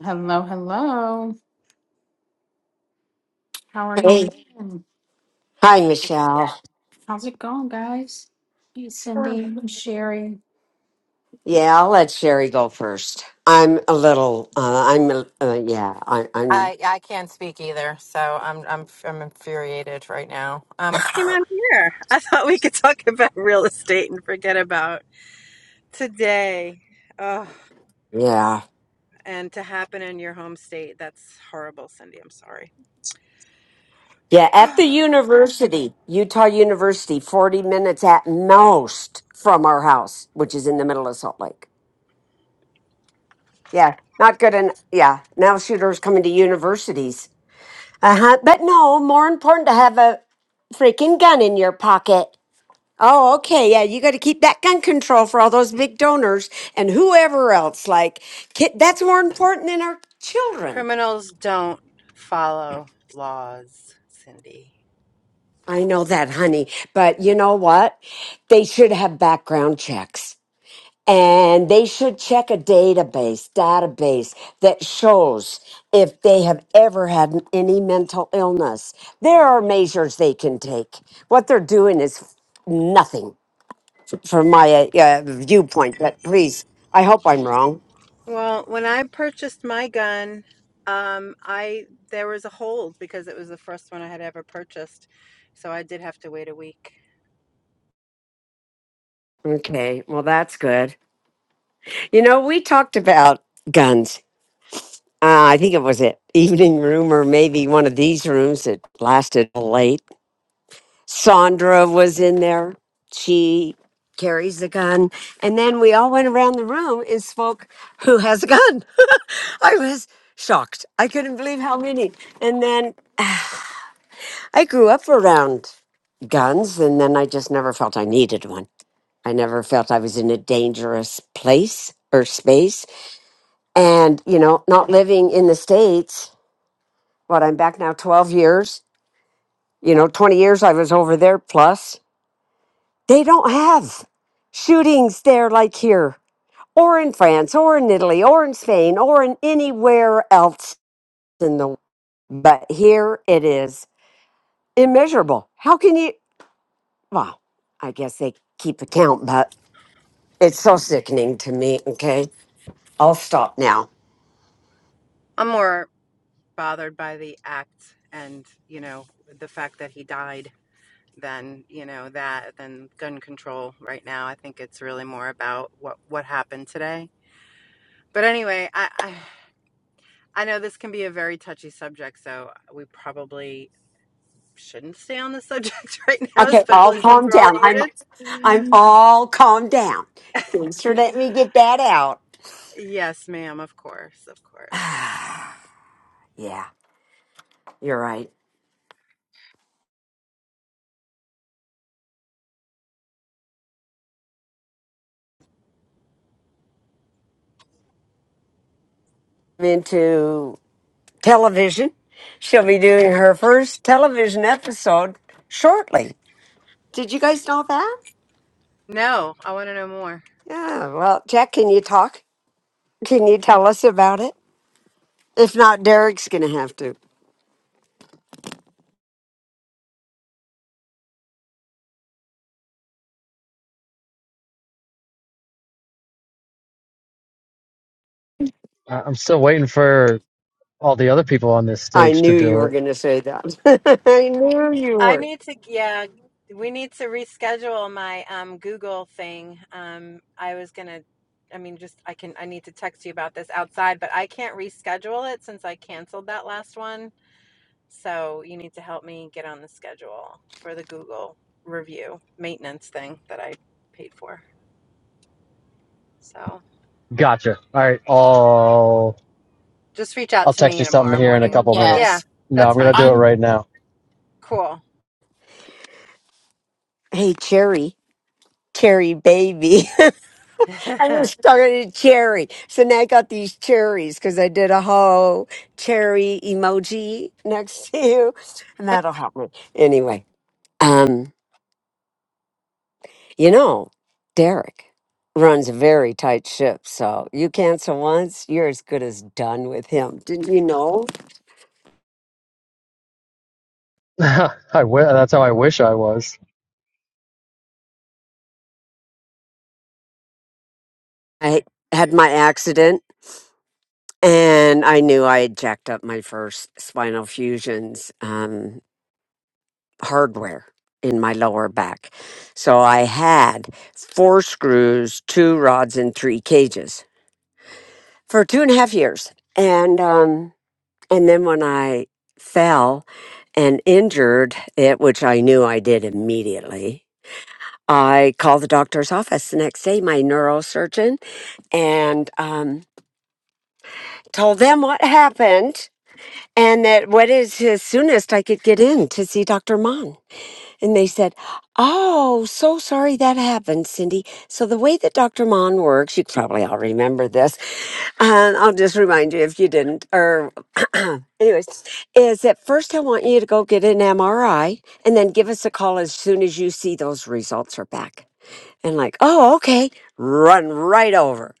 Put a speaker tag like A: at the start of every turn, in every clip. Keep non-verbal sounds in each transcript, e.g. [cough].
A: Hello, hello. How are you
B: Hey.
A: doing?
B: Hi, Michelle.
A: How's it going, guys? Hey, Cindy, and Sherry.
B: Yeah, I'll let Sherry go first. I'm a little, uh, I'm, a- uh, yeah, I, I'm,
C: I I can't speak either, so I'm I'm I'm infuriated right now. Um, Came on here. I thought we could talk about real estate and forget about today. Oh,
B: yeah.
C: and to happen in your home state. That's horrible, Cindy. I'm sorry.
B: Yeah, at the
C: [sighs]
B: university, Utah University, 40 minutes at most from our house, which is in the middle of Salt Lake. Yeah, not good. And yeah, now shooters coming to universities. Uh huh. But no, more important to have a freaking gun in your pocket. Oh, okay. Yeah, you got to keep that gun control for all those big donors and whoever else. Like, ki- that's more important than our children.
C: Criminals don't follow laws, Cindy.
B: I know that, honey. But you know what? They should have background checks and they should check a database, database that shows if they have ever had any mental illness. There are measures they can take. What they're doing is nothing from my uh, uh, viewpoint, but please, I hope I'm wrong.
C: Well, when I purchased my gun, um, I there was a hold because it was the first one I had ever purchased, so I did have to wait a week.
B: Okay, well, that's good. You know, we talked about guns. Uh, I think it was an [laughs] evening room or maybe one of these rooms that lasted till late. Sandra was in there. She carries the gun. And then we all went around the room and spoke who has a gun. [laughs] I was shocked. I couldn't believe how many. And then I grew up around guns, and then I just never felt I needed one. I never felt I was in a dangerous place or space and you know not living in the states but i'm back now 12 years you know 20 years i was over there plus they don't have shootings there like here or in france or in italy or in spain or in anywhere else in the but here it is immeasurable how can you well i guess they keep account but it's so sickening to me okay i'll stop now
C: I'm more bothered by the act and you know the fact that he died than you know that than gun control right now i think it's really more about what what happened today but anyway i i, I know this can be a very touchy subject so we probably shouldn't stay on the [laughs] subject right now
B: okay i'll
C: especially [laughs] since
B: calm
C: we're all
B: down i'm
C: heated
B: I'm all calmed down. Thanks for letting me get that out. [sighs]
C: [laughs] yes ma'am of course of course
B: Ah, yeah, you're right. I'm into television. She'll be doing her first television episode shortly. Did you guys know that?
C: no i want to know more
B: Yeah, well, Jack, can you talk? Can you tell us about it? If not, Derek's going to have to.
D: I- I'm still waiting for all the other people on this
B: I
D: stage to
B: knew you
D: do
B: were
D: it.
B: going to say that. [laughs] I knew you
C: I
B: were.
C: need to, yeah, we need to reschedule my um, Google thing. Um, I was gonna, I mean, just I can, I need to text you about this outside, but I can't reschedule it since I canceled that last one. So you need to help me get on the schedule for the Google review maintenance thing that I paid for. So
D: Gotcha. All right, I'll
C: just reach out
D: I'll
C: to
D: text
C: me
D: you something
C: tomorrow
D: here in a
C: morning.
D: couple minutes.
C: Yeah,
A: Yes,
D: No,
C: that's
D: I'm gonna
C: fine.
D: do it
A: I'm
D: right now.
C: Cool.
B: Hey, Cherry, Cherry baby. [laughs] I was
C: [laughs]
B: stuck in a cherry. So now I got these cherries because I did a whole cherry emoji next to you, and that'll help me. Anyway, um, you know, Derek runs a very tight ship. So you cancel once, you're as good as done with him. Didn't you know?
D: [laughs] I w- that's how I wish I was.
B: I had my accident and I knew I had jacked up my first spinal fusions. Um, hardware in my lower back. So I had four screws, two rods, and three cages for two and a half years. And um, and then when I fell and injured it, which I knew I did immediately, I called the doctor's office the next day, my neurosurgeon, and um, told them what happened. And that what is as soonest I could get in to see Dr. Mon. And they said, Oh, so sorry that happened, Cindy. So, the way that Dr. Mon works, you probably all remember this, and I'll just remind you if you didn't, or [clears throat] anyways, is that first I want you to go get an MRI and then give us a call as soon as you see those results are back. And, like, oh, okay, run right over,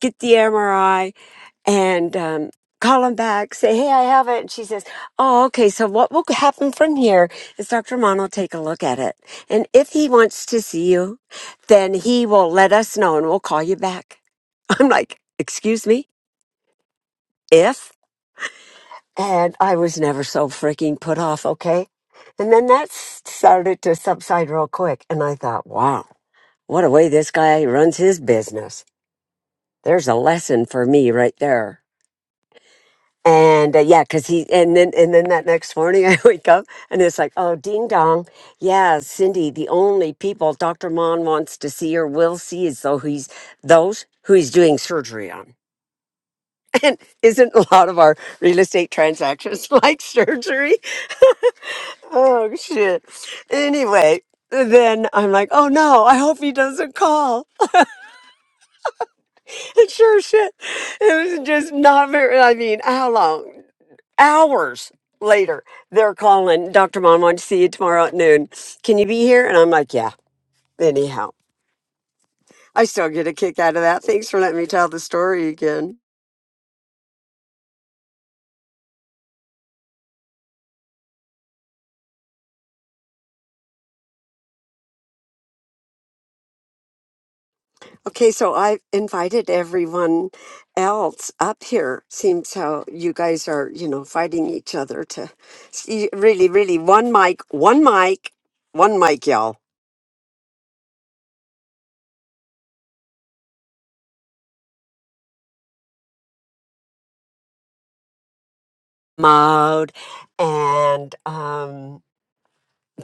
B: get the MRI, and um, call him back, say, hey, I have it. And she says, oh, okay. So what will happen from here is Dr. Mon will take a look at it. And if he wants to see you, then he will let us know and we'll call you back. [laughs] I'm like, excuse me, if? And I was never so freaking put off, okay? And then that s- started to subside real quick. And I thought, wow, what a way this guy runs his business. There's a lesson for me right there And uh, yeah, because he and then and then that next morning [laughs] I wake up and it's like, oh, ding dong, yeah, Cindy. The only people Doctor Mon wants to see or will see is though he's those who he's doing surgery on. [laughs] And isn't a lot of our real estate transactions [laughs] like surgery? Oh shit. Anyway, then I'm like, oh no, I hope he doesn't call. [laughs] And sure shit, it was just not very. I mean, how long? hours later, they're calling, Dr. Mom, want to see you tomorrow at noon. Can you be here? And I'm like, yeah, anyhow. I still get a kick out of that. Thanks for letting me tell the story again. Okay, so I've invited everyone else up here. Seems how you guys are, you know, fighting each other to see, really, really one mic, one mic, one mic, y'all. Mode and um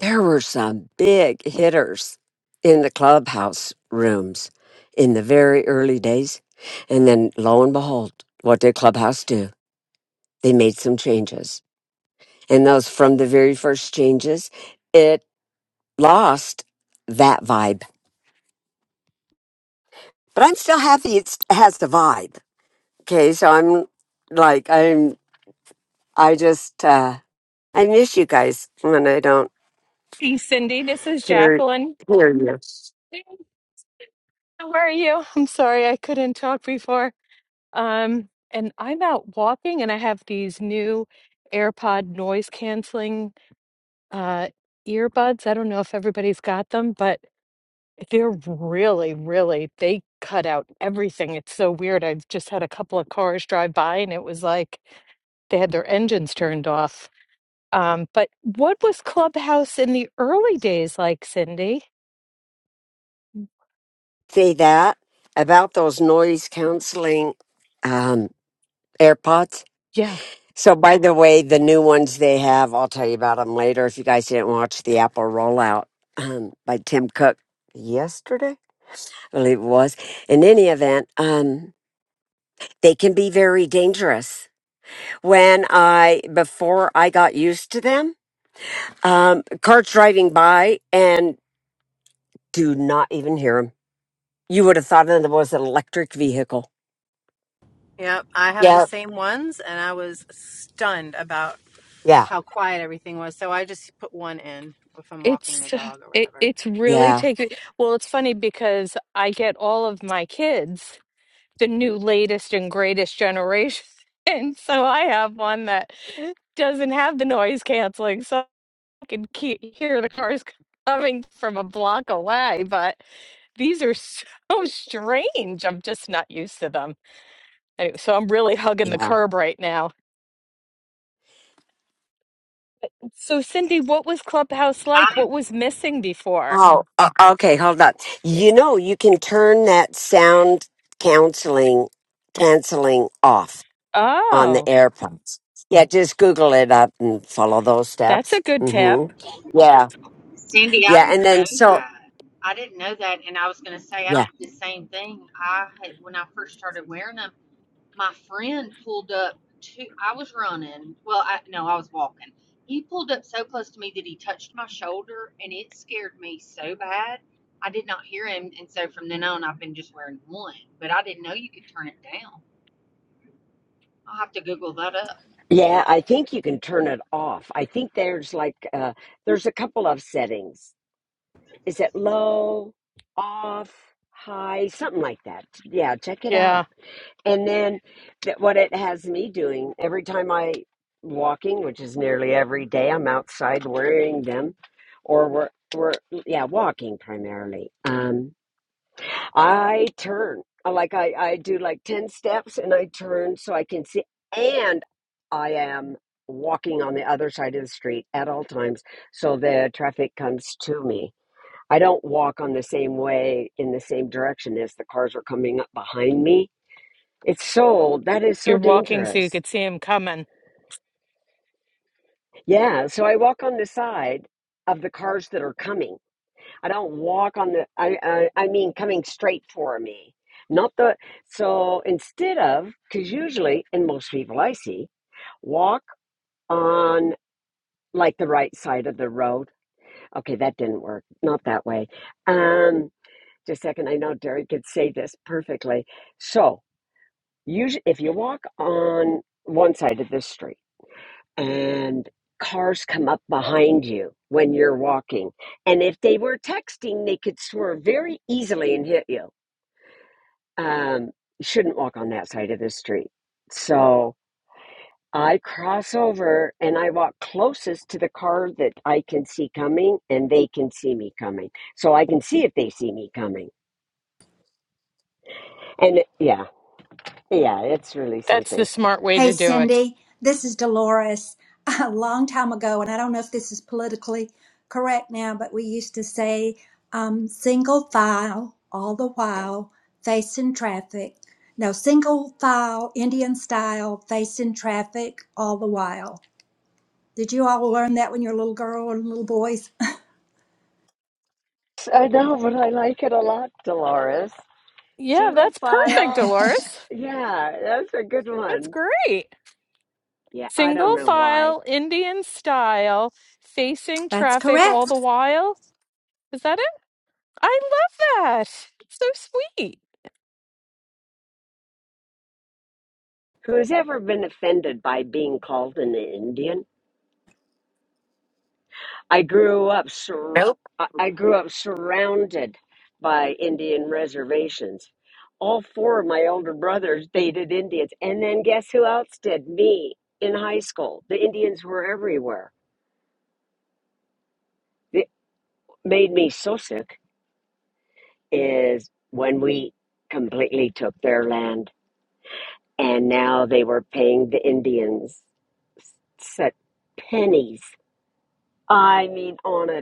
B: There were some big hitters in the clubhouse rooms in the very early days. And then lo and behold, what did Clubhouse do? They made some changes. And those from the very first changes, it lost that vibe. But I'm still happy it's, it has the vibe. Okay. So I'm like, I'm, I just, uh, I miss you guys when I don't
E: Hey, Cindy, this is
B: hear,
E: Jacqueline.
B: hear you.
E: Hey, How are you? I'm sorry I couldn't talk before. Um, and I'm out walking and I have these new AirPod noise canceling uh earbuds. I don't know if everybody's got them, but they're really, really, they cut out everything. It's so weird. I've just had a couple of cars drive by and it was like they had their engines turned off. Um, but what was Clubhouse in the early days like, Cindy?
B: See that about those noise canceling um, AirPods. So, by the way, the new ones they have, I'll tell you about them later. If you guys didn't watch the Apple rollout um, by Tim Cook yesterday, I believe it was. In any event, um, they can be very dangerous. When I before I got used to them, um, cars driving by and do not even hear them. You would have thought it was an electric vehicle.
C: Yep, I have the
B: Yeah,
C: same ones, and I was stunned about
B: yeah,
C: how quiet everything was. So I just put one in if I'm walking the
E: It's
C: dog or
E: [laughs] it,
C: whatever.
E: it's really
B: yeah.
E: taking well, it's funny because I get all of my kids the new latest and greatest generation. [laughs] And so I have one that doesn't have the noise canceling, so I can keep, hear the cars coming from a block away. But these are so [laughs] strange. I'm just not used to them. Anyway, so I'm really hugging the
B: Yeah.
E: curb right now. So, Cindy, what was Clubhouse like?
F: I,
E: What was missing before?
B: Oh, o- okay. Hold on. You know, you can turn that sound counseling canceling off on the
E: Oh,
B: AirPods. Yeah, just Google it up and follow those
E: that's a
B: steps.
E: good tip.
B: Mm-hmm. Yeah,
F: Cindy, I
B: yeah, and
F: didn't know
B: then so
F: that. I didn't know that, and I was going to say I
B: yeah,
F: did the same thing. I had when I first started wearing them. My friend pulled up to. I was running. Well, I no, I was walking. He pulled up so close to me that he touched my shoulder, and it scared me so bad. I did not hear him, and so from then on, I've been just wearing one. But I didn't know you could turn it down. I'll have to Google that up.
B: Yeah, I think you can turn it off. I think there's like uh there's a couple of settings. Is it low, off, high, something like that. Yeah, check it
E: Yeah,
B: out. And then that what it has me doing every time I walking, which is nearly every day, I'm outside wearing them, or we're we're yeah walking primarily. Um, I turn I like I I do like ten steps and I turn so I can see, and I am walking on the other side of the street at all times so the traffic comes to me. I don't walk on the same way in the same direction as the cars are coming up behind me it's sold. That is so
E: you're walking so you
B: dangerous.
E: could see him coming.
B: Yeah. So I walk on the side of the cars that are coming. I don't walk on the. I I, I mean, coming straight for me. Not the. So instead of, because usually, and most people I see, walk on like the right side of the road. Okay, that didn't work. Not that way. Um, just a second. I know Derek could say this perfectly. So usually, if you walk on one side of this street and cars come up behind you when you're walking. And if they were texting, they could swerve very easily and hit you. Um, you shouldn't walk on that side of the street. So I cross over and I walk closest to the car that I can see coming and they can see me coming. So I can see if they see me coming. And it, yeah, yeah, it's really
E: That's the
B: something.
E: smart way
G: Hey,
E: to do it.
G: Cindy, this is Dolores. [laughs] A long time ago, and I don't know if this is politically correct now, but we used to say um, single file all the while, facing traffic. No, single file, Indian style, facing traffic all the while. Did you all learn that when you were a little girl and little boys?
B: I know, but I like it a lot, Dolores.
E: Yeah,
B: Single
E: that's perfect,
B: file.
E: Dolores.
B: Yeah, that's a good
E: That's
B: one.
E: great.
B: Yeah, I don't
E: Single
B: know why.
E: file, Indian style, facing
G: [laughs] That's
E: traffic all the
G: correct.
E: while. Is that it? I love that. So sweet.
B: Who's ever been offended by being called an Indian? I grew up sur-
C: Nope.
B: I I grew up surrounded by Indian reservations. All four of my older brothers dated Indians, and then guess who else did? Me in high school. The Indians were everywhere. It made me so sick is when we completely took their land, and now they were paying the Indians set pennies I mean, on a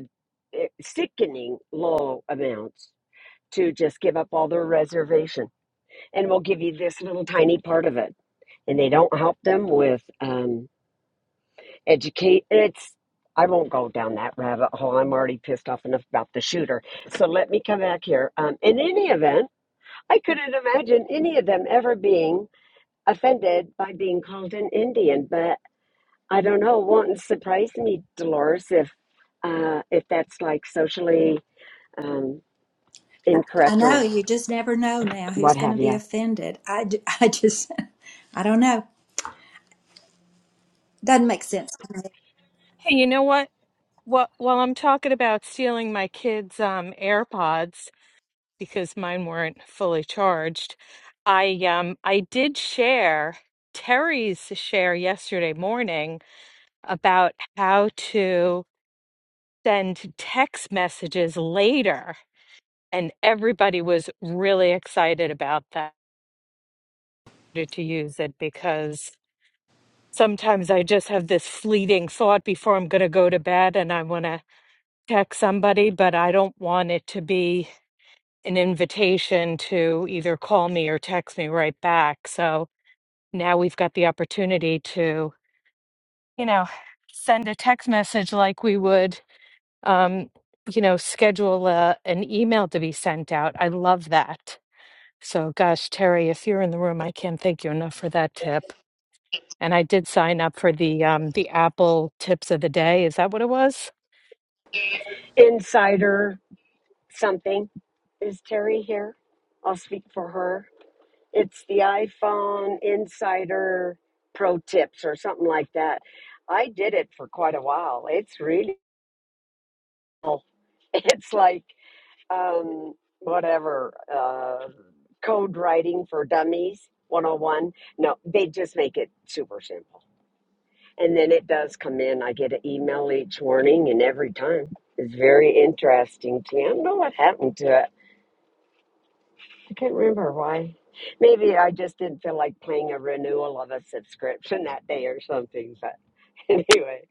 B: eh, sickening low amounts to just give up all their reservation. And we'll give you this little tiny part of it. And they don't help them with um, educate. It's, I won't go down that rabbit hole. I'm already pissed off enough about the shooter. So let me come back here. Um, in any event, I couldn't imagine any of them ever being offended by being called an Indian. But I don't know. It won't surprise me, Dolores, if uh, if that's like socially um,
G: I
B: incorrect
G: know,
B: or
G: you just never know now who's
B: what
G: going to
B: have
G: be
B: you.
G: offended. I, d- [laughs] I just, [laughs] I don't know. Doesn't make sense to me.
E: Hey, you know what? What while I'm talking about stealing my kids' um AirPods because mine weren't fully charged, I um I did share Terry's share yesterday morning about how to send text messages later. And everybody was really excited about that to use it because sometimes I just have this fleeting thought before I'm going to go to bed and I want to text somebody, but I don't want it to be an invitation to either call me or text me right back. So now we've got the opportunity to, you know, send a text message like we would um, you know, schedule a, an email to be sent out. I love that. So, gosh, Terry, if you're in the room, I can't thank you enough for that tip. And I did sign up for the um, the Apple Tips of the Day. Is that what it was?
B: Insider something. Is Terry here? I'll speak for her. It's the iPhone Insider Pro Tips or something like that. I did it for quite a while. It's really cool. [laughs] It's like um, whatever uh, code writing for dummies 101. No, they just make it super simple And then it does come in. I get an email each morning, and every time it's very interesting to me. I don't know what happened to it. I can't remember why. Maybe I just didn't feel like paying a renewal of a subscription [laughs] that day or something. But [laughs] anyway,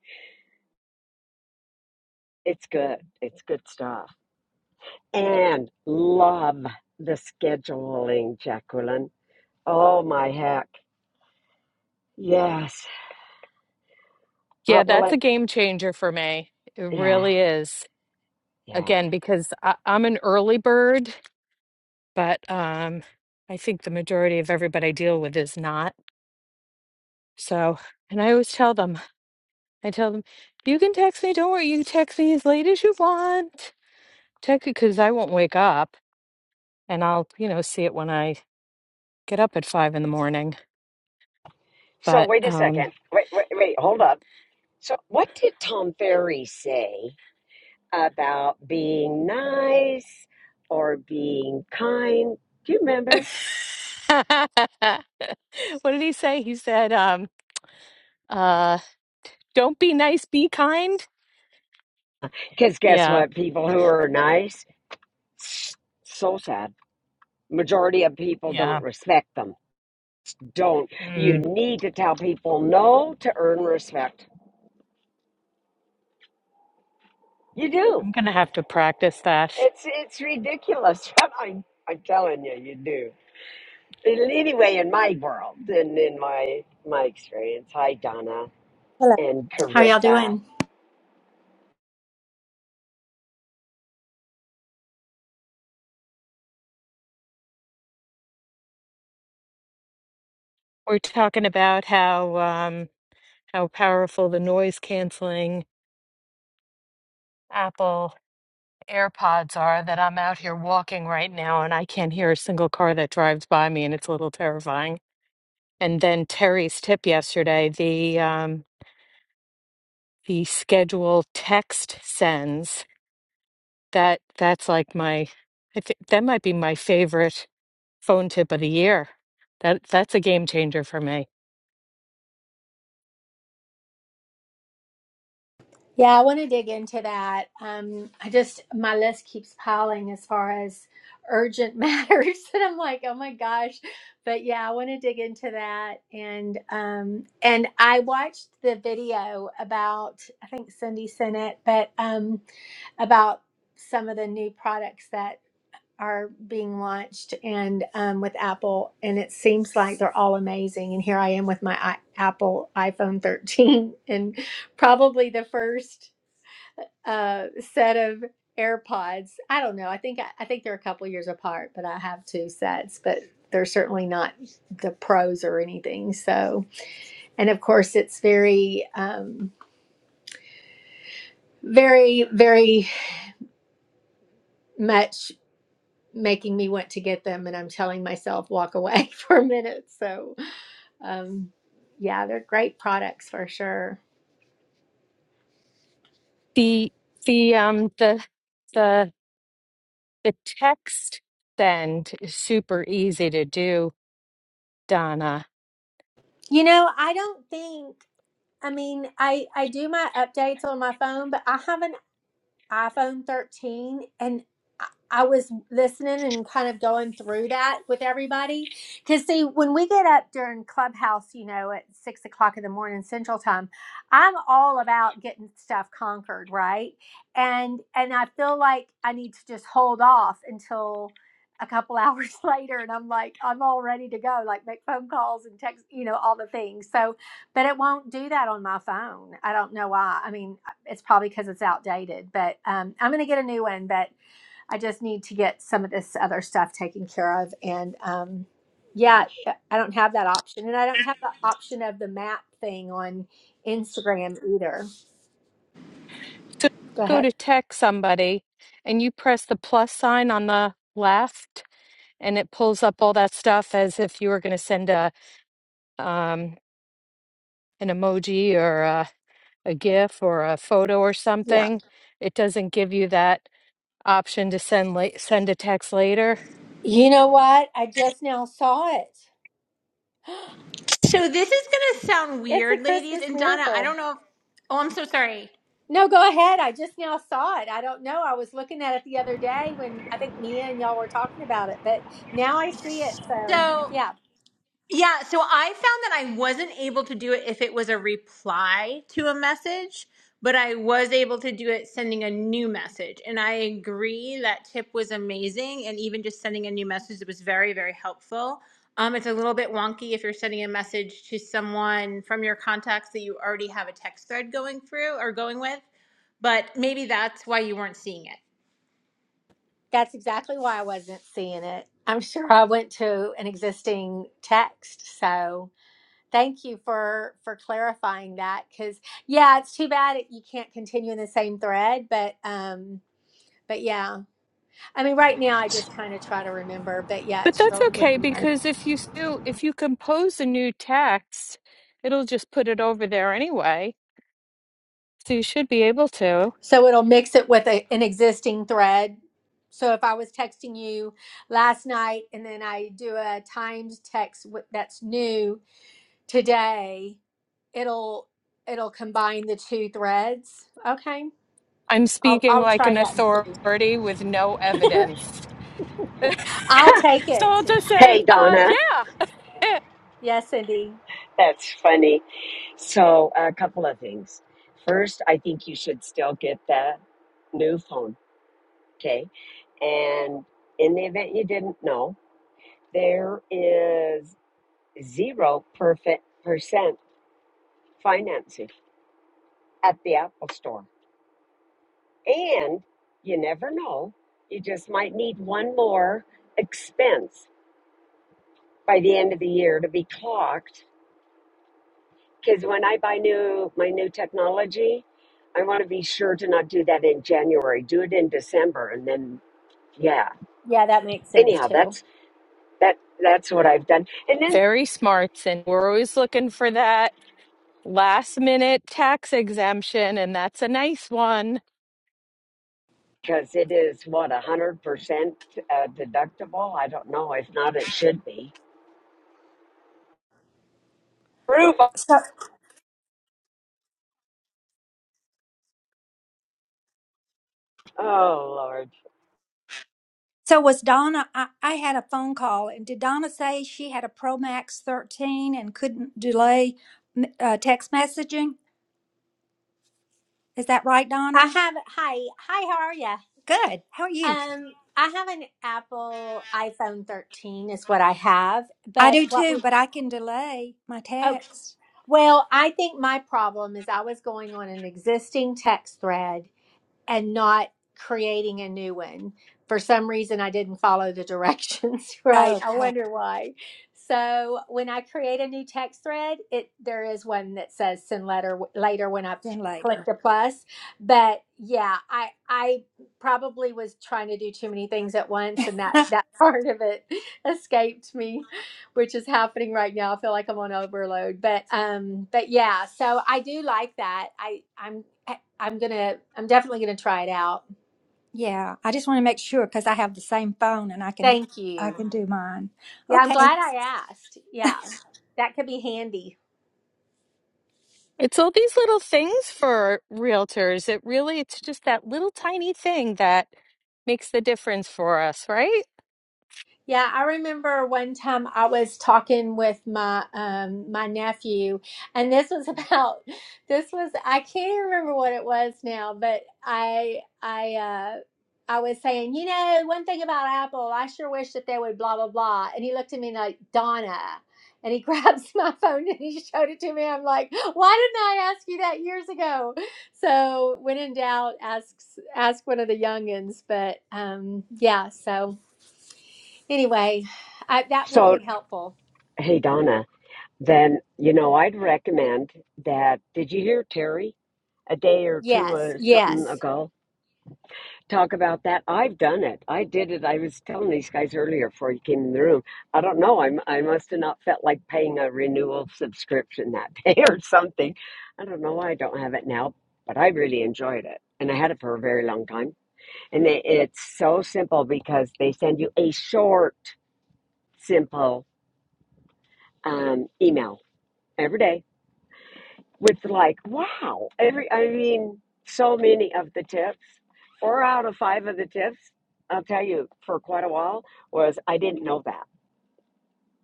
B: it's good. It's good stuff. And love the scheduling, Jacqueline. Oh my heck. Yes. Uh,
E: Yeah,
B: well,
E: that's
B: I,
E: a game changer for me. It
B: yeah,
E: really is.
B: yeah.
E: Again, because I, I'm an early bird, but um, I think the majority of everybody I deal with is not. So, and I always tell them, I tell them, you can text me. Don't worry, you can text me as late as you want. Technically, because I won't wake up and I'll, you know, see it when I get up at five in the morning.
B: So
E: But
B: wait a second.
E: um
B: Wait, wait, wait. Hold up. So what did Tom Ferry say? about being nice or being kind. Do you remember?
E: [laughs] what did he say? He said, um, uh, don't be nice, be kind.
B: Because guess
E: Yeah,
B: what? People who are nice, so sad. Majority of people don't
E: yeah.
B: respect them. Don't. You
E: Mm,
B: need to tell people no to earn respect. You do.
E: I'm gonna have to practice that.
B: It's it's ridiculous. [laughs] I'm I'm telling you, you do. And Anyway, in my world, and in my my experience. Hi, Donna
H: Hello.
B: and
H: How y'all
B: Carissa.
H: doing?
E: We're talking about how um how powerful the noise canceling Apple AirPods are that I'm out here walking right now and I can't hear a single car that drives by me and it's a little terrifying. And then Terry's tip yesterday, the um the schedule text sends that that's like my I think that might be my favorite phone tip of the year. That that's a game changer for me.
H: Yeah, I want to dig into that. Um, I just my list keeps piling as far as urgent [laughs] matters, and I'm like, oh my gosh. But yeah, I want to dig into that, and um, and I watched the video about I think Cindy sent it, but um, about some of the new products that are being launched and um, with Apple, and it seems like they're all amazing. And here I am with my I- Apple iPhone 13 [laughs] and probably the first uh, set of AirPods. I don't know. I think I, I think they're a couple years apart, but I have two sets, but they're certainly not the pros or anything. So, and of course, it's very, um, very, very much making me want to get them and i'm telling myself walk away [laughs] for a minute so Um, yeah, they're great products for sure.
E: The the um the the the text send is super easy to do, Donna.
H: You know, I don't think. I mean, I I do my updates on my phone, but I haven't iPhone 13 and I I was listening and kind of going through that with everybody. Because, see, when we get up during Clubhouse, you know, at six o'clock in the morning Central Time, I'm all about getting stuff conquered, right? And and I feel like I need to just hold off until a couple [laughs] hours later, and I'm like, I'm all ready to go, like make phone calls and text, you know, all the things. So, but it won't do that on my phone. I don't know why. I mean, it's probably because it's outdated, but um, I'm going to get a new one. But I just need to get some of this other stuff taken care of. And um, yeah, I don't have that option. And I don't have the option of the map thing on Instagram either.
E: So
H: Go
E: go
H: ahead.
E: to text somebody and you press the plus sign on the left and it pulls up all that stuff as if you were going to send a um, an emoji or a, a GIF or a photo or
H: Yeah.
E: something. It doesn't give you that option to send late, send a text later.
H: You know what? I just now saw it.
I: So this is going to sound
H: It's a
I: weird, ladies.
H: Christmas
I: And Donna, I
H: miracle.
I: don't know if. Oh, I'm so sorry.
H: No, go ahead. I just now saw it. I don't know. I was looking at it the other day when I think Mia and y'all were talking about it, but now I see it. So,
I: So,
H: yeah.
I: yeah, so I found that I wasn't able to do it if it was a reply to a message, but I was able to do it sending a new message. And I agree that tip was amazing. And even just sending a new message, it was very, very helpful. Um, it's a little bit wonky if you're sending a message to someone from your contacts that you already have a text thread going through or going with, but maybe that's why you weren't seeing it.
H: That's exactly why I wasn't seeing it. I'm sure I went to an existing text. So thank you for for clarifying that. Because yeah, it's too bad it, you can't continue in the same thread. But um, but yeah, I mean, right now I just kind of try to remember. But yeah,
E: But
H: it
E: that's
H: sure would
E: okay
H: be nice.
E: because if you still if you compose a new text, it'll just put it over there anyway. So you should be able to.
H: So it'll mix it with a, an existing thread. So if I was texting you last night and then I do a timed text with- that's new today it'll it'll combine the two threads okay
E: I'm
H: i'll
E: speaking
H: i'll
E: like
H: try
E: an
H: that
E: authority with no evidence. [laughs]
H: [laughs] i'll take
E: So
H: it
E: I'll just say,
B: Hey,
E: uh,
B: Donna.
E: yeah, eh,
H: yes cindy
B: That's funny. So, a couple of things. First, I think you should still get the new phone, okay? And in the event you didn't know, there is zero perfect percent financing at the Apple Store. And you never know, you just might need one more expense by the end of the year to be clocked Because when I buy new my new technology, I want to be sure to not do that in January. Do it in December, and then yeah.
H: yeah that makes sense
B: Anyhow,
H: too
B: that's that that's what I've done. And then
E: very smart. And we're always looking for that. last minute tax exemption, and that's a nice one.
B: because it is what a hundred percent uh, deductible. I don't know. If not, it should be. Proof.
G: So.
B: Oh Lord.
G: So was Donna? I, I had a phone call, and did Donna say she had a Pro Max 13 and couldn't delay m- uh, text messaging? Is that right,
H: i
G: Donna?
H: have hi hi how are you
G: Good. How are you?
H: um i have an apple iphone 13 is what i have
G: I
H: but
G: do
H: what
G: too,
H: we
G: but I can delay my
H: okay
G: text.
H: well i think my problem is i was going on an existing text thread and not creating a new one. For some reason, I didn't follow the directions [laughs] right. I
G: Okay,
H: wonder why. So when I create a new text thread, it there is one that says send letter w- later when I
G: then
H: click
G: later.
H: the plus. But yeah, I I probably was trying to do too many things at once, and that
G: [laughs]
H: that [laughs] part of it escaped me, which is happening right now. I feel like I'm on overload, but um, but yeah. So I do like that. I I'm I'm gonna I'm definitely gonna try it out.
G: yeah, I just want to make sure because I have the same phone and I can d-
H: Thank
G: I
H: you.
G: can do mine.
H: Yeah, I'm
G: Okay.
H: glad I asked. Yeah. That could be handy.
E: It's all these little things for realtors. It really, it's just that little tiny thing that makes the difference for us, right?
H: Yeah, I remember one time I was talking with my um my nephew and this was [laughs] about this was I can't remember what it was now, but I I uh I was saying, you know, one thing about Apple, I sure wish that they would blah blah blah. And he looked at me like, "Donna." And he [laughs] grabs my phone and he showed it to me. I'm like, "Why didn't I ask you that years ago?" So, when in doubt, ask ask one of the youngins, but um yeah, so Anyway, I, that will
B: So
H: be helpful.
B: hey Donna, then you know I'd recommend that. Did you hear Terry a day or two
H: Yes,
B: or something
H: yes.
B: ago? talk about that. I've done it. I did it. I was telling these guys earlier before you came in the room. I don't know. I'm, I must have not felt like paying a renewal subscription that [laughs] day or something. I don't know why I don't have it now, but I really enjoyed it. And I had it for a very long time. And it, it's so simple because they send you a short, simple um, email every day with like wow every i mean so many of the tips four out of five of the tips i'll tell you for quite a while was i didn't know that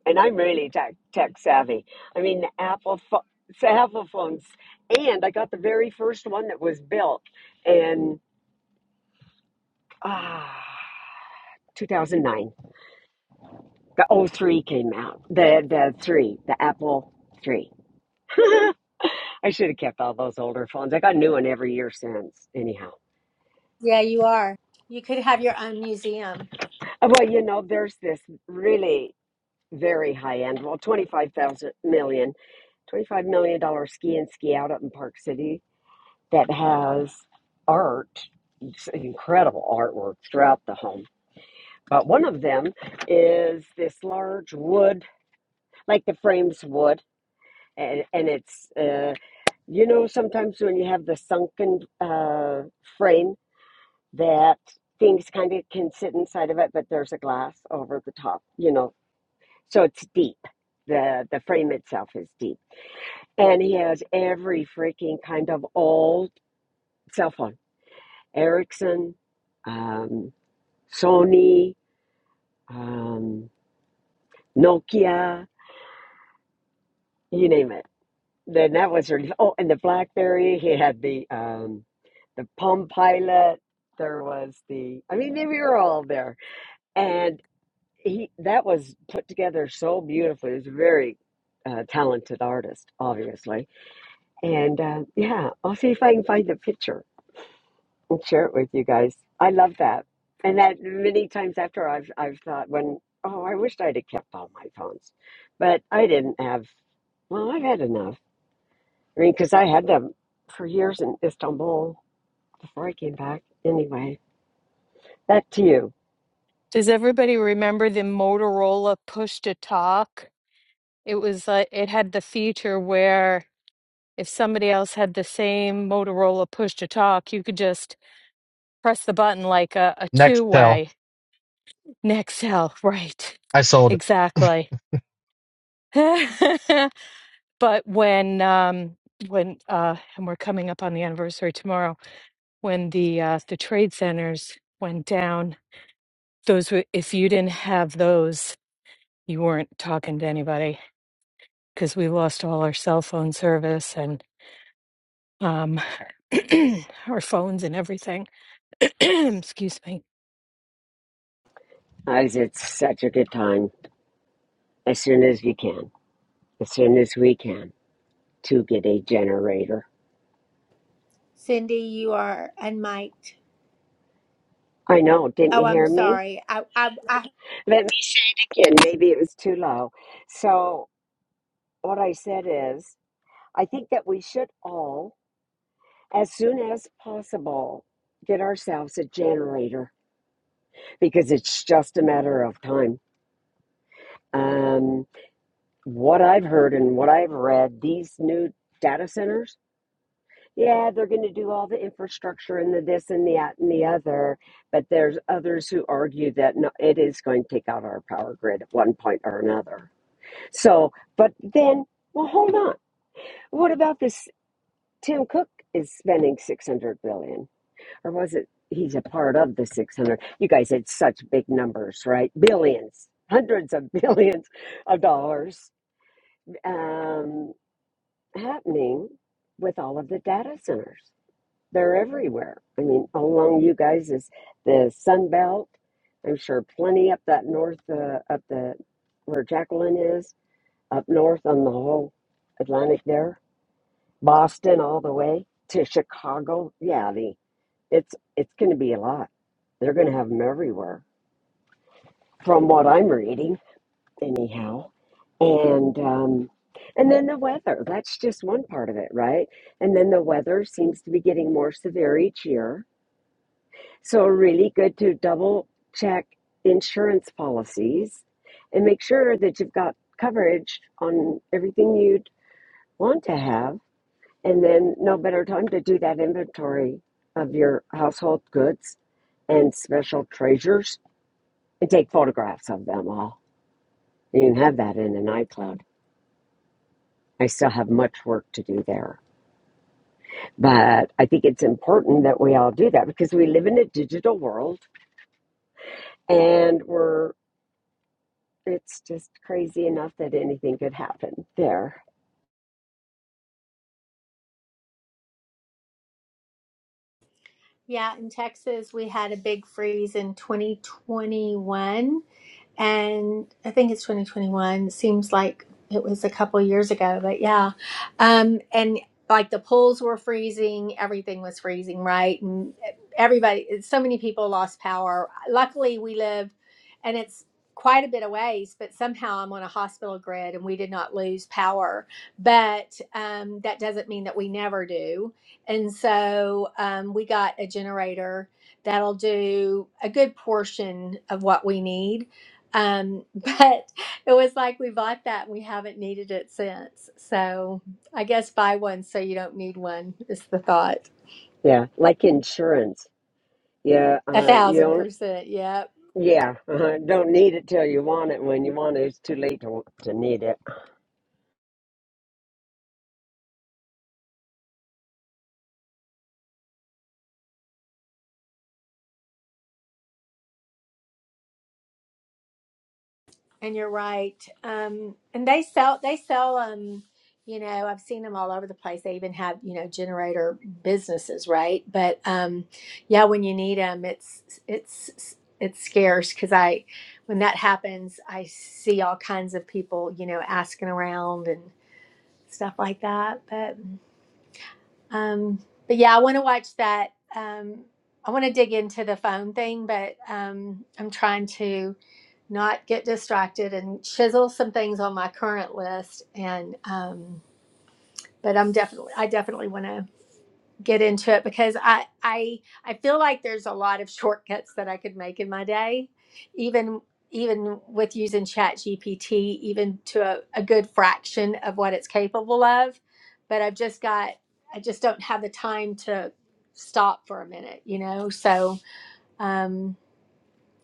B: and i'm really tech, tech savvy i mean the apple pho- it's the apple phones and i got the very first one that was built in ah 2009 the oh 03 came out the the 3 the apple 3 [laughs] i should have kept all those older phones i got a new one every year since anyhow
H: Yeah, you are. You could have your own museum.
B: Uh, Well, you know, there's this really very high end, well, twenty five thousand million, twenty five million million dollar ski and ski out up in Park City that has art, it's incredible artwork throughout the home. But one of them is this large wood, like the frame's wood, and, and it's, uh, you know, sometimes when you have the sunken uh, frame that things kind of can sit inside of it, but there's a glass over the top, you know, So it's deep. The the frame itself is deep. And he has every freaking kind of old cell phone. Ericsson, um, Sony, um, Nokia, you name it. Then that was really, oh, and the BlackBerry. He had the um, the Palm Pilot. There was the. I mean, we were all there, and he that was put together so beautifully. He was a very uh, talented artist, obviously And uh, yeah, I'll see if I can find the picture and share it with you guys. I love that. And that many times after I've I've thought when oh I wished I'd have kept all my phones, but I didn't have. Well, I've had enough. I mean, because I had them for years in Istanbul before I came back. Anyway, back to you,
E: Does everybody remember the Motorola push to talk? It was like it had the feature where if somebody else had the same Motorola push to talk, you could just press the button like a, a
D: Next
E: two
D: tell.
E: way. Nextel, right.
D: I sold it.
E: Exactly. [laughs] But when um, when uh, and we're coming up on the anniversary tomorrow, when the uh, the trade centers went down, those were if you didn't have those, you weren't talking to anybody because we lost all our cell phone service and um, [clears throat] our phones and everything. [clears throat] Excuse me.
B: guys. It's such a good time. As soon as we can, as soon as we can, to get a generator.
H: Cindy, you are unmiked.
B: I know. Didn't
H: Oh,
B: you
H: I'm
B: hear me?
H: sorry. I, I, I,
B: Let me say it again. Maybe it was too low. So, what I said is, I think that we should all, as soon as possible, get ourselves a generator because it's just a matter of time. Um, what I've heard and what I've read, these new data centers, yeah, they're going to do all the infrastructure and the this and the that and the other. But there's others who argue that no, it is going to take out our power grid at one point or another. So, but then, well, hold on. What about this? Tim Cook is spending 600 billion, dollars, or was it he's a part of the 600? You guys had such big numbers, right? Billions, hundreds of [laughs] billions of dollars um, happening with all of the data centers. They're everywhere. I mean, along you guys is the Sun Belt. I'm sure plenty up that north, uh, up the where Jacqueline is, up north on the whole Atlantic there Boston all the way to Chicago. Yeah, the it's it's going to be a lot. They're going to have them everywhere, from what I'm reading, anyhow. And um, and then the weather. That's just one part of it, right? And then the weather seems to be getting more severe each year. So really good to double check insurance policies and make sure that you've got coverage on everything you'd want to have And then no better time to do that inventory of your household goods and special treasures and take photographs of them all. You can have that in an iCloud. I still have much work to do there. But I think it's important that we all do that because we live in a digital world and we're it's just crazy enough that anything could happen there.
H: yeah, in Texas, we had a big freeze in 2021. and I think it's 2021. It seems like it was a couple years ago, but yeah. Um, and like the pools were freezing, everything was freezing, right? And everybody, so many people lost power. Luckily, we live, and it's quite a bit of ways, but somehow I'm on a hospital grid and we did not lose power. But um, that doesn't mean that we never do. And so um, we got a generator that'll do a good portion of what we need um, [laughs] but it was like we bought that and we haven't needed it since. So I guess buy one so you don't need one is the thought.
B: Yeah, like insurance. Yeah,
H: A
B: uh, you
H: thousand
B: don't
H: percent, yep.
B: yeah, [laughs] uh, don't need it till you want it. When you want it, it's too late to, to need it.
H: And you're right. Um, and they sell they sell um, you know, I've seen them all over the place. They even have, you know, generator businesses, right? But um, yeah, when you need them, it's it's it's scarce because I, when that happens, I see all kinds of people, you know, asking around and. stuff like that. But um, but yeah, I want to watch that. Um, I want to dig into the phone thing, but um, I'm trying to not get distracted and chisel some things on my current list. And um, but I'm definitely, I definitely want to get into it because I I I feel like there's a lot of shortcuts that I could make in my day, even even with using Chat GPT, even to a, a good fraction of what it's capable of. But I've just got I just don't have the time to stop for a minute, you know. So um,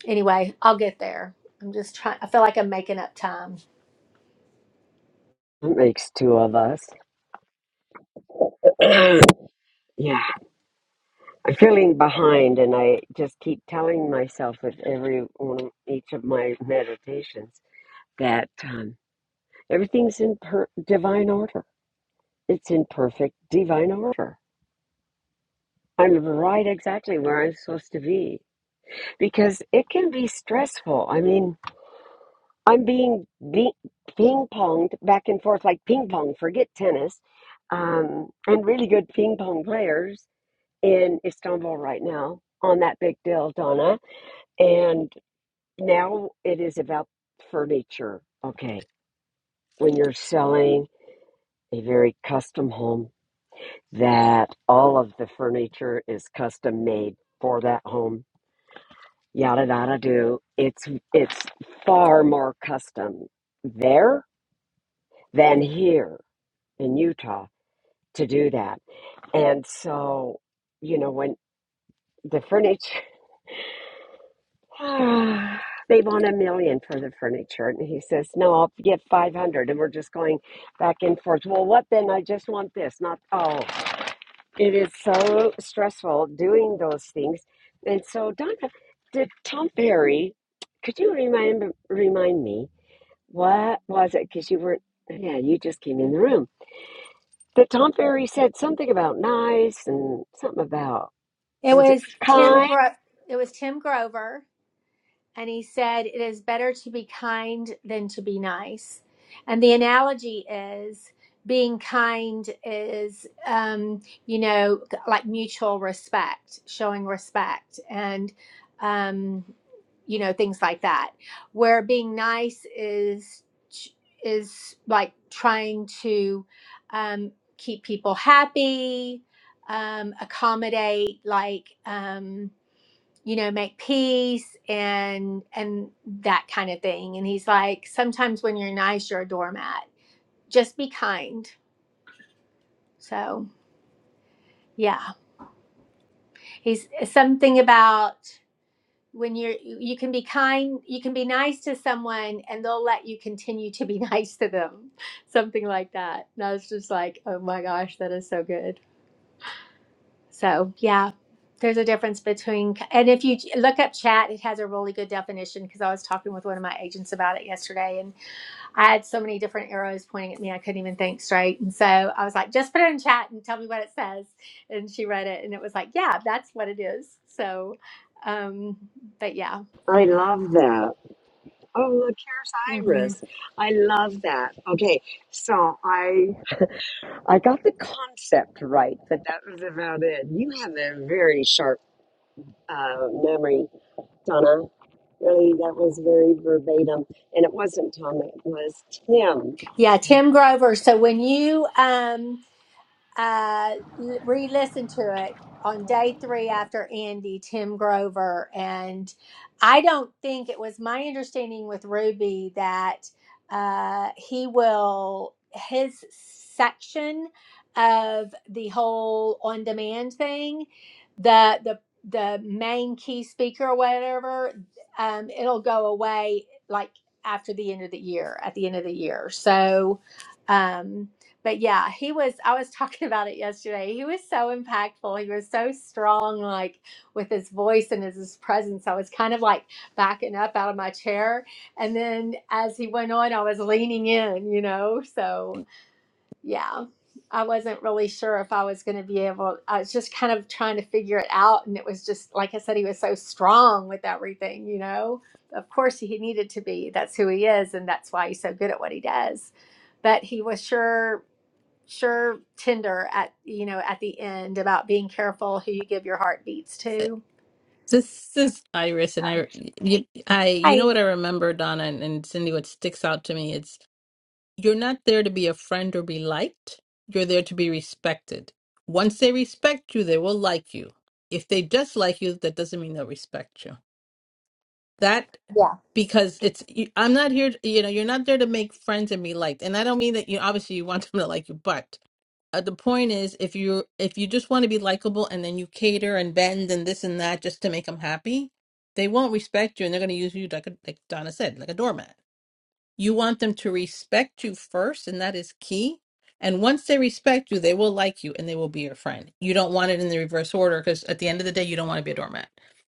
H: anyway, I'll get there. I'm just trying. I feel like I'm making up time.
B: That makes two of us. [clears throat] yeah, I'm feeling behind, and I just keep telling myself with every one of each of my meditations that um, everything's in per- divine order. It's in perfect divine order. I'm right exactly where I'm supposed to be because it can be stressful. I mean, I'm being be- ping ponged back and forth like ping pong. Forget tennis. Um, and really good ping pong players in Istanbul right now on that big deal, Donna. And now it is about furniture. Okay. When you're selling a very custom home, that all of the furniture is custom made for that home. Yada yada do. It's it's far more custom there than here in Utah to do that. And so, you know, when the furniture [sighs] they want a million for the furniture. And he says, No, I'll get 500. And we're just going back and forth. Well, what then? I just want this, not, oh, it is so stressful doing those things. And so, Donna, did Tom Perry, could you remind, remind me, what was it? Because you were, yeah, you just came in the room. That Tom Perry said something about nice and something about,
H: It
B: was it
H: was Tim.
B: kind?
H: Gro- it was Tim Grover and he said, It is better to be kind than to be nice. And the analogy is being kind is, um, you know, like mutual respect, showing respect, and, um, you know, things like that. Where being nice is is like trying to um, keep people happy, um, accommodate, like. Um, you know make peace and and that kind of thing and he's like sometimes when you're nice you're a doormat just be kind so yeah he's eh, something about when you're you can be kind you can be nice to someone and they'll let you continue to be [laughs] nice to them something like that and i was just like oh my gosh that is so good so yeah there's a difference between and if you look up chat it has a really good definition because i was talking with one of my agents about it yesterday and. I had so many different arrows pointing at me, I couldn't even think straight. And so I was like, just put it in chat and tell me what it says. And she read it and it was like, yeah, that's what it is. So, um, but yeah.
B: I love that. Oh, look, here's
H: hmm
B: Iris. I love that. Okay, so I I got the concept right, but that was about it. You have a very sharp uh, memory, Donna. Really, that was very verbatim, and it wasn't Tom. It was Tim.
H: Yeah, Tim Grover. So when you um, uh, l- re-listened to it on day three after Andy, Tim Grover, and I don't think it was my understanding with Ruby that uh, he will his section of the whole on demand thing, the the the main key speaker or whatever, um, it'll go away like after the end of the year, at the end of the year. So. Um, but yeah, he was. I was [laughs] talking about it yesterday. He was so impactful. He was so strong, like with his voice and his, his presence. I was kind of like backing up out of my chair, and then as he went on, I was leaning in. You know, so yeah, I wasn't really sure if I was going to be able. I was just kind of trying to figure it out, and it was just like I said, he was so strong with everything. You know, of course he needed to be. That's who he is, and that's why he's so good at what he does but he was sure sure tender at you know at the end about being careful who you give your heartbeats to.
J: This is Iris, and
H: So,
J: I, you, I, you know
H: Hi.
J: what I remember, Donna and, and Cindy. What sticks out to me it's you're not there to be a friend or be liked. You're there to be respected. Once they respect you, they will like you. If they just like you, that doesn't mean they'll respect you that
H: yeah,
J: because it's you- I'm not here you know you're not there to make friends and be liked and I don't mean that you obviously you want [laughs] them to like you but uh, the point is if you if you just want to be likable and then you cater and bend and this and that just to make them happy they won't respect you and they're going to use you like a, like Donna said like a doormat you want them to respect you first, and that is key. And once they respect you, they will like you and they will be your friend. You don't want it in the reverse order because at the end of the day, you don't want to be a doormat.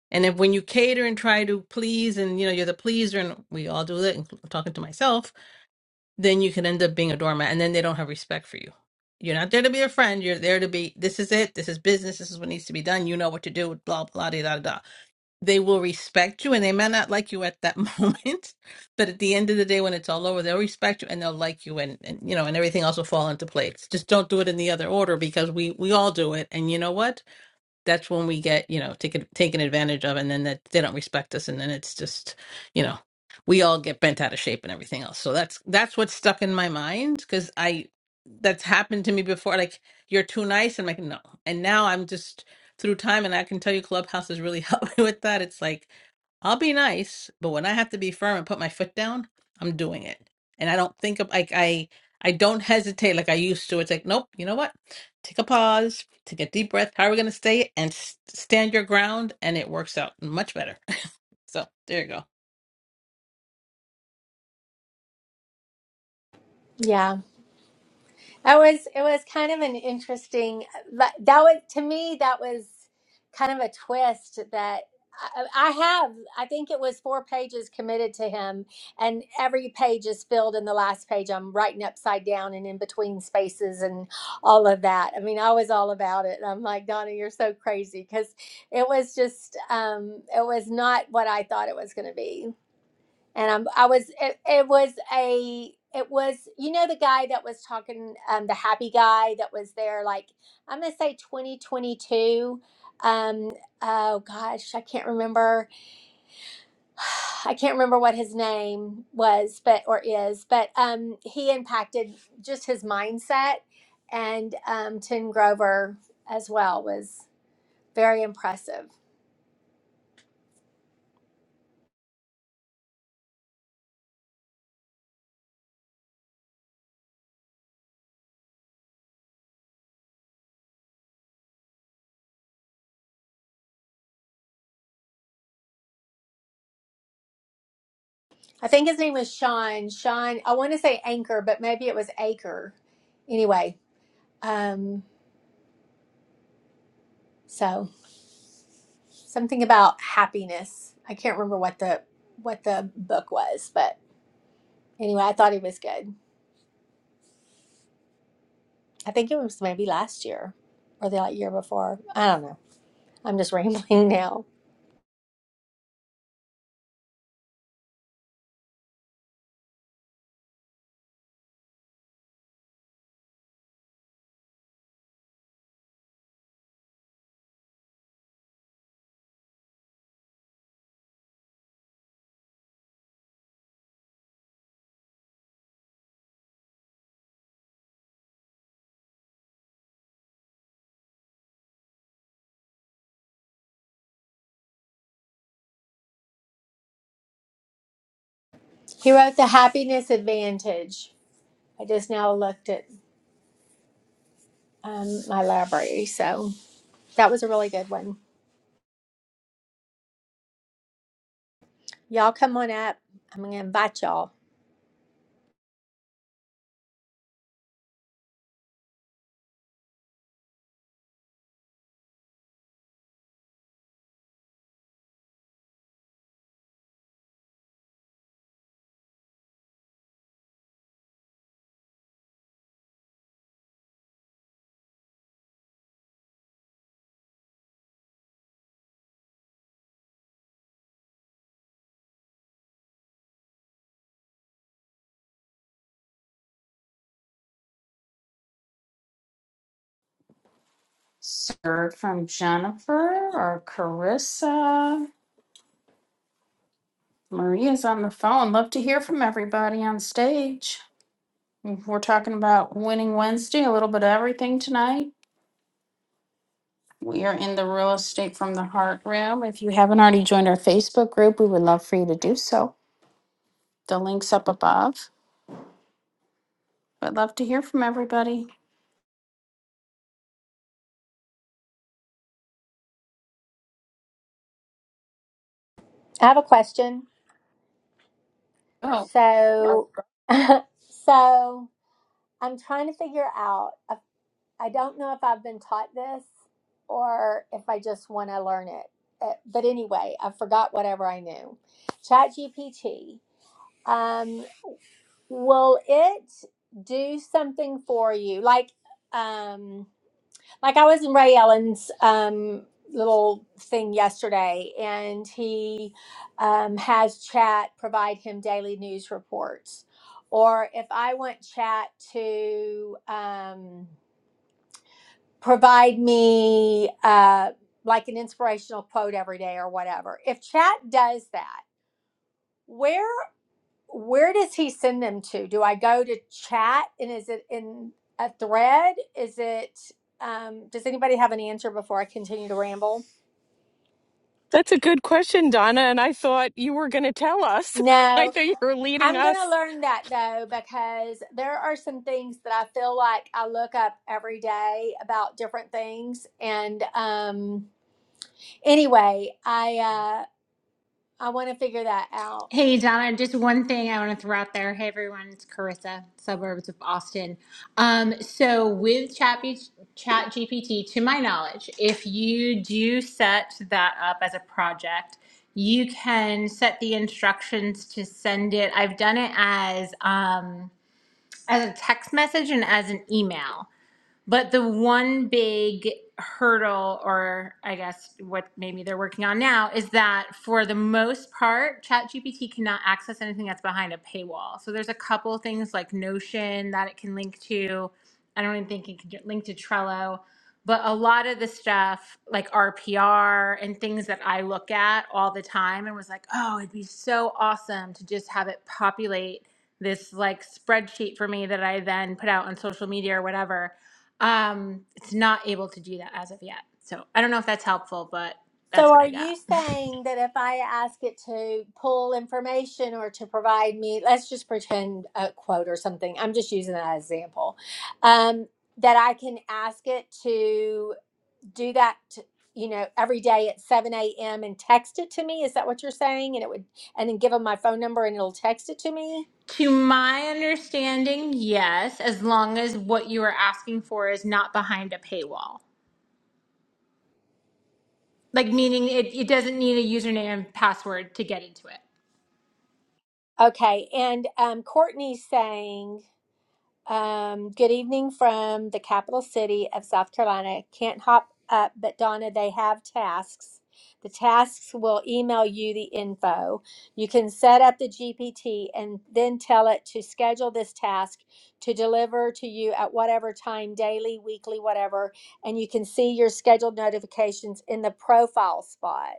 J: And if when you cater and try to please, and you know you're the pleaser, and we all do it, and I'm talking to myself, then you can end up being a doormat, and then they don't have respect for you. You're not there to be a friend. You're there to be. This is it. This is business. This is what needs to be done. You know what to do. Blah blah da da da they will respect you and they may not like you at that [laughs] moment but at the end of the day when it's all over they'll respect you and they'll like you and, and you know and everything else will fall into place just don't do it in the other order because we we all do it and you know what that's when we get you know taken taken advantage of and then that they don't respect us and then it's just you know we all get bent out of shape and everything else so that's that's what's stuck in my mind because i that's happened to me before like you're too nice and i'm like no and now i'm just through time and i can tell you clubhouse has really [laughs] helped me with that it's like i'll be nice but when i have to be firm and put my foot down i'm doing it and i don't think of like i i don't hesitate like i used to it's like nope you know what take a pause, take a deep breath. How are we going to stay and s- stand your ground? And it works out much better. [laughs] so there you go.
H: yeah. It was it was kind of an interesting that that was to me that was kind of a twist that I, I have I think it was four pages committed to him and every page is filled In the last page I'm writing upside down and in between spaces and all of that. I mean I was all about it. I'm like Donna you're so crazy because it was just um, it was not what I thought it was going to be and i I was it, it was a it was you know the guy that was talking um the happy guy that was there like I'm gonna say 2022 um oh gosh I can't remember [sighs] I can't remember what his name was but or is but um he impacted just his mindset and um Tim Grover as well was very impressive. I think his name was Sean Sean I want to say Anchor but maybe it was Acre anyway Um, so something about happiness. I can't remember what the what the book was, but anyway, I thought it was good. I think it was maybe last year or the like, year before. I don't know. I'm just [laughs] rambling now. He wrote The Happiness Advantage. I just now looked at um, my library, so that was a really good one. Y'all come on up. I'm gonna invite y'all.
A: sir from Jennifer or Carissa. Maria's on the phone. Love to hear from everybody on stage. We're talking about Winning Wednesday, a little bit of everything tonight. We are in the Real Estate from the Heart room. If you haven't already joined our Facebook group, we would love for you to do so. The link's up above. But love to hear from everybody.
H: I have a question.
A: Oh.
H: So, [laughs] so I'm trying to figure out. I don't know if I've been taught this or if I just want to learn it. Uh, But anyway, I forgot whatever I knew. ChatGPT, um, will it do something for you? Like, um, like I was in Ray Ellen's um, little thing yesterday, and he um, has Chat provide him daily news reports. Or if I want Chat to. Um, provide me uh, like an inspirational quote every day or whatever. If chat does that, where where does he send them to? Do I go to chat and is it in a thread? Is it um, does anybody have an answer before I continue to ramble?
E: That's a good question, Donna. And I thought you were going to tell us. [laughs] I
H: No,
E: thought you were leading
H: I'm
E: us.
H: gonna learn that though because there are some things that I feel like I look up every day about different things, and um, anyway, I uh, I want to figure that out.
I: Hey Donna, just one thing I want to throw out there. Hey everyone, it's Carissa, suburbs of Austin. Um, so with Chat, Chat GPT, to my knowledge, if you do set that up as a project, you can set the instructions to send it. I've done it as um, as a text message and as an email. But the one big hurdle, or I guess what maybe they're working on now, is that for the most part, ChatGPT cannot access anything that's behind a paywall. So there's a couple things like Notion that it can link to. I don't even think it can get- link to Trello. But a lot of the stuff like RPR and things that I look at all the time and was like, oh, it'd be so awesome to just have it populate this like spreadsheet for me that I then put out on social media or whatever um, it's not able to do that as of yet. So I don't know if that's helpful, but
H: So,
I: that's what
H: are
I: I got.
H: you
I: [laughs]
H: saying that if I ask it to pull information or to provide me, let's just pretend a quote or something, I'm just using that as example, um, that I can ask it to do that, t- you know, every day at 7 a.m. and text it to me? Is that what you're saying? And it would, and then give them my phone number and it'll text it to me?
I: To my understanding, yes, as long as what you are asking for is not behind a paywall. Like meaning it, it doesn't need a username and password to get into it.
H: Okay. And um, Courtney's saying, Um, good evening from the capital city of South Carolina. Can't hop up, but Donna, they have tasks. The tasks will email you the info. You can set up the GPT and then tell it to schedule this task to deliver to you at whatever time, daily, weekly, whatever. And you can see your scheduled notifications in the profile spot.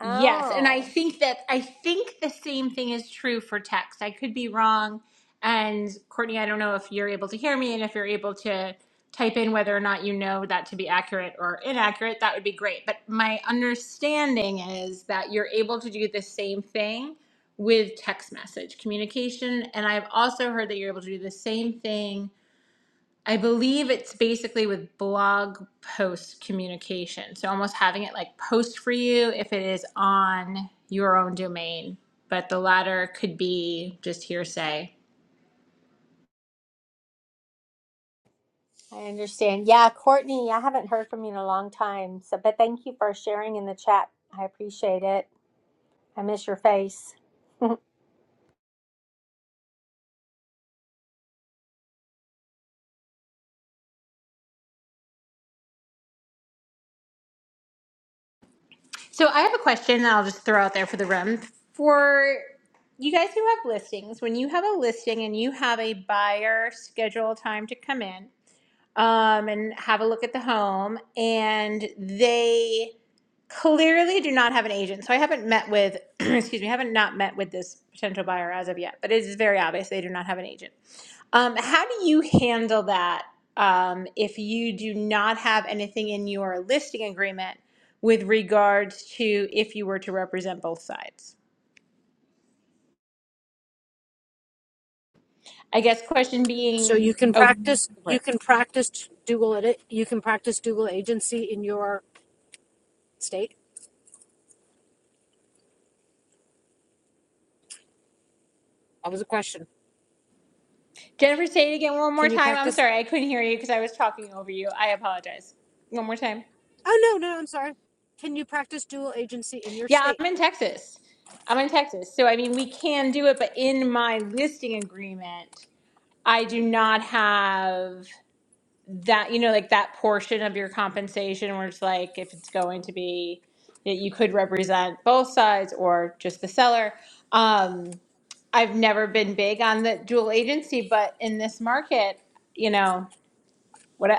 I: Yes, and I think that I think the same thing is true for text. I could be wrong. And Courtney, I don't know if you're able to hear me and if you're able to type in whether or not you know that to be accurate or inaccurate, that would be great. But my understanding is that you're able to do the same thing with text message communication. And I've also heard that you're able to do the same thing I believe it's basically with blog post communication. So almost having it like post for you if it is on your own domain, but the latter could be just hearsay.
H: I understand. Yeah, Courtney, I haven't heard from you in a long time. So, but thank you for sharing in the chat. I appreciate it. I miss your face.
I: So I have a question that I'll just throw out there for the room. For you guys who have listings, when you have a listing and you have a buyer schedule time to come in um, and have a look at the home, and they clearly do not have an agent. So I haven't met with, [clears throat] excuse me, I haven't not met with this potential buyer as of yet, but it is very obvious they do not have an agent. Um, how do you handle that um, if you do not have anything in your listing agreement with regards to if you were to represent both sides? I guess question
K: So
I: being,
K: you can
I: oh,
K: practice. You
I: right.
K: can practice Google edit. You can practice Google agency in your state. That was a question.
I: Jennifer, say it again one more
K: Can you
I: time. I'm
K: practice?
I: sorry, I couldn't hear you because I was talking over you. I apologize. One more time.
K: Oh no, no, I'm sorry. Can you practice dual agency in your
I: Yeah,
K: state?
I: I'm in Texas. I'm in Texas. So, I mean, we can do it, but in my listing agreement, I do not have that, you know, like that portion of your compensation where it's like if it's going to be that you could represent both sides or just the seller. Um, I've never been big on the dual agency, but in this market, you know, what I,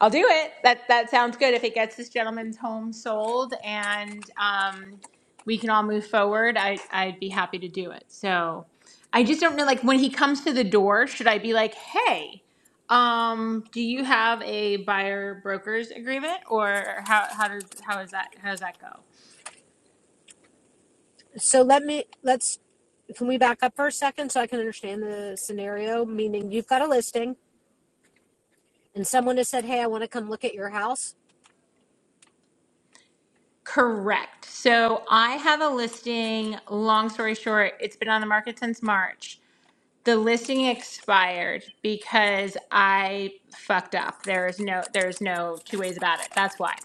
I: I'll do it. That that sounds good. If it gets this gentleman's home sold and um, we can all move forward, I I'd be happy to do it. So I just don't know. Like when he comes to the door, should I be like, hey? Um, do you have a buyer brokers agreement or how, how does, how is that, how does that go?
K: So let me let's can we back up for a second so I can understand the scenario? Meaning you've got a listing and someone has said, "Hey, I want to come look at your house."
I: Correct. So I have a listing, long story short, it's been on the market since March. the listing expired because I fucked up. There is no there's no two ways about it. That's why.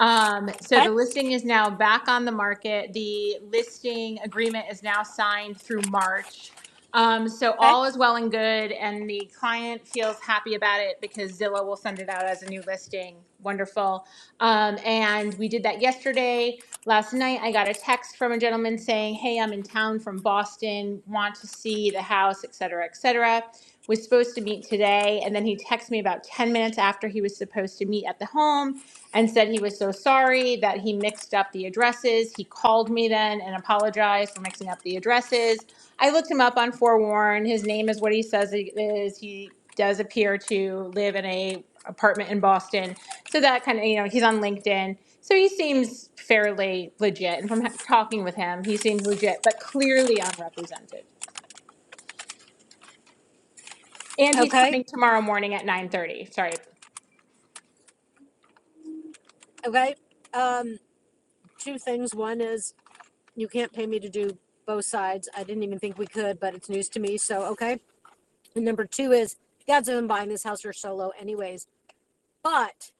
I: Um, so
K: Okay,
I: the listing is now back on the market. The listing agreement is now signed through March. Um, so
K: okay,
I: all is well and good, and the client feels happy about it because Zillow will send it out as a new listing. Wonderful. Um, and we did that yesterday. Last night, I got a text from a gentleman saying, Hey, I'm in town from Boston, want to see the house, et cetera, et cetera. Was supposed to meet today. And then he texted me about 10 minutes after he was supposed to meet at the home and said he was so sorry that he mixed up the addresses. He called me then and apologized for mixing up the addresses. I looked him up on Forewarn. His name is what he says it is. He does appear to live in a apartment in Boston. So that kind of, you know, he's on LinkedIn. So he seems fairly legit, and from ha- talking with him, he seems legit, but clearly unrepresented. And he's
K: okay,
I: coming tomorrow morning at nine thirty. Sorry.
K: okay. Um, two things. One is you can't pay me to do both sides. I didn't even think we could, but it's news to me. So okay And number two is God's been buying this house or solo anyways. But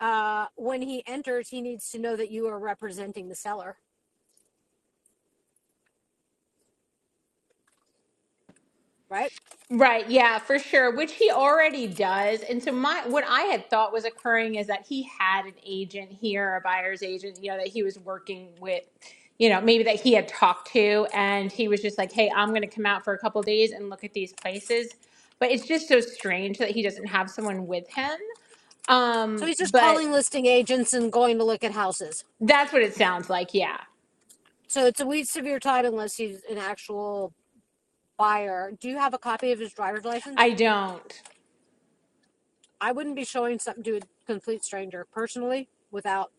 K: uh, when he enters, he needs to know that you are representing the seller, right?
I: Right, yeah, for sure, which he already does. And so my what I had thought was occurring is that he had an agent here, a buyer's agent, you know, that he was working with, you know, maybe that he had talked to and he was just like, "Hey, I'm going to come out for a couple days and look at these places." But it's just so strange that he doesn't have someone with him.
K: So
I: Um,
K: he's just
I: but
K: calling listing agents and going to look at houses.
I: That's what it sounds like. Yeah.
K: So it's a weed severe tide unless he's an actual buyer. Do you have a copy of his driver's license?
I: I don't.
K: I wouldn't be showing something to a complete stranger personally without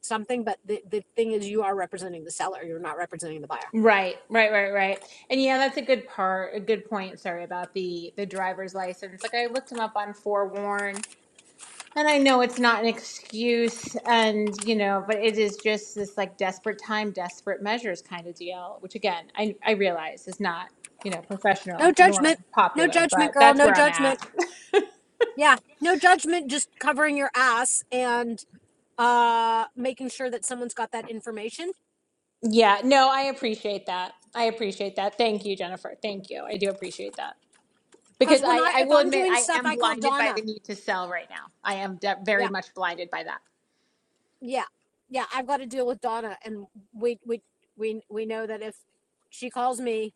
K: something, but the, the thing is you are representing the seller. You're not representing the buyer.
I: Right, right, right, right. And yeah, that's a good part, a good point, sorry, about the the driver's license. Like I looked him up on Forewarn, and I know it's not an excuse and, you know, but it is just this like desperate time, desperate measures kind of deal, which again, I I realize is not, you know,
K: No
I: professional nor
K: judgment. No
I: popular,
K: judgment,
I: but
K: girl.
I: that's
K: No
I: where I'm
K: judgment.
I: at. [laughs]
K: Yeah, no judgment, just covering your ass and uh making sure that someone's got that information.
I: Yeah, no, I appreciate that. I appreciate that. Thank you, Jennifer. Thank you. I do appreciate that.
K: Because
I: because
K: when
I: I,
K: I,
I: I
K: if
I: will
K: I'm
I: admit
K: doing
I: I
K: stuff,
I: am
K: I call
I: blinded by
K: Donna.
I: the need to sell right now. I am de-
K: Yeah,
I: very much blinded by that.
K: yeah, yeah. I've got to deal with Donna, and we we we we know that if she calls me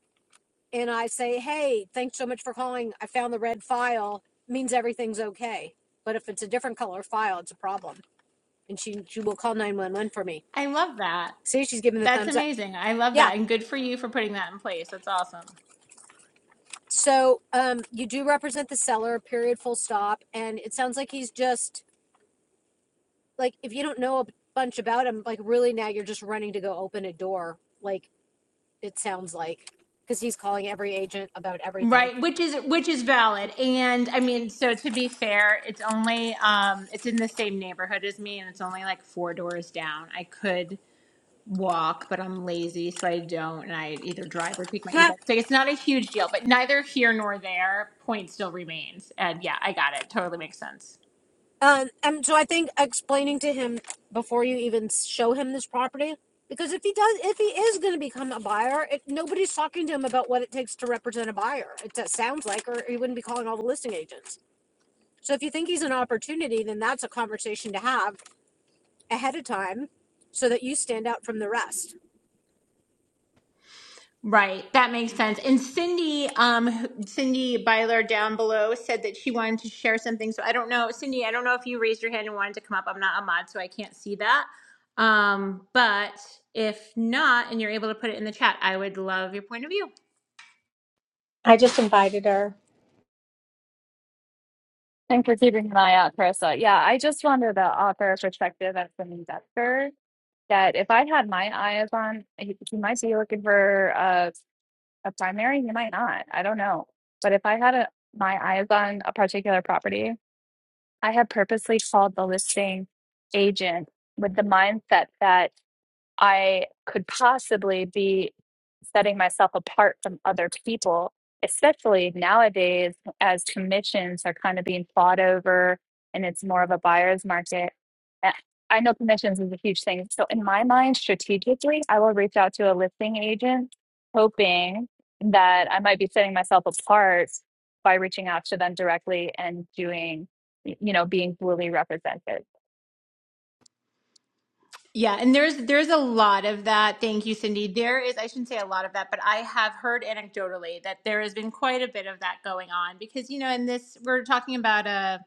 K: and I say, "Hey, thanks so much for calling. I found the red file," means everything's okay. But if it's a different color file, it's a problem, and she she will call nine one one for me.
I: I love that.
K: See, she's giving the
I: That's
K: thumbs up.
I: amazing. I love
K: Yeah,
I: that, and good for you for putting that in place. That's awesome.
K: So um, you do represent the seller, period, full stop. And it sounds like he's just like, if you don't know a bunch about him, like really now you're just running to go open a door. Like it sounds like, because he's calling every agent about everything.
I: Right, which is which is valid, and I mean, so to be fair, it's only um, it's in the same neighborhood as me, and it's only like four doors down. I could walk, but I'm lazy, so I don't, and I either drive or take my
K: Yeah.
I: e-bike. So it's not a huge deal, but neither here nor there. Point still remains, and yeah, I got it. Totally makes sense.
K: Um, and so I think explaining to him before you even show him this property, because if he does, if he is going to become a buyer, it, nobody's talking to him about what it takes to represent a buyer. It sounds like, or he wouldn't be calling all the listing agents. So if you think he's an opportunity, then that's a conversation to have ahead of time so that you stand out from the rest.
I: Right, that makes sense. And Cindy, um, Cindy Byler down below said that she wanted to share something. So I don't know, Cindy. I don't know if you raised your hand and wanted to come up. I'm not a mod, so I can't see that. Um, but if not, and you're able to put it in the chat, I would love your point of view.
H: [laughs] I just invited her.
L: Thanks for keeping an eye out, Carissa. Yeah, I just wanted to offer a perspective as an investor that if I had my eyes on, he, he might be looking for a, a primary, he might not. I don't know. But if I had a, my eyes on a particular property, I had purposely called the listing agent with the mindset that I could possibly be setting myself apart from other people, especially nowadays as commissions are kind of being fought over and it's more of a buyer's market. Uh, I know commissions is a huge thing. So, in my mind, strategically, I will reach out to a listing agent hoping that I might be setting myself apart by reaching out to them directly and doing, you know, being fully represented.
I: Yeah, and there's there's a lot of that. Thank you, Cindy. There is I shouldn't say a lot of that, but I have heard anecdotally that there has been quite a bit of that going on because you know, in this we're talking about a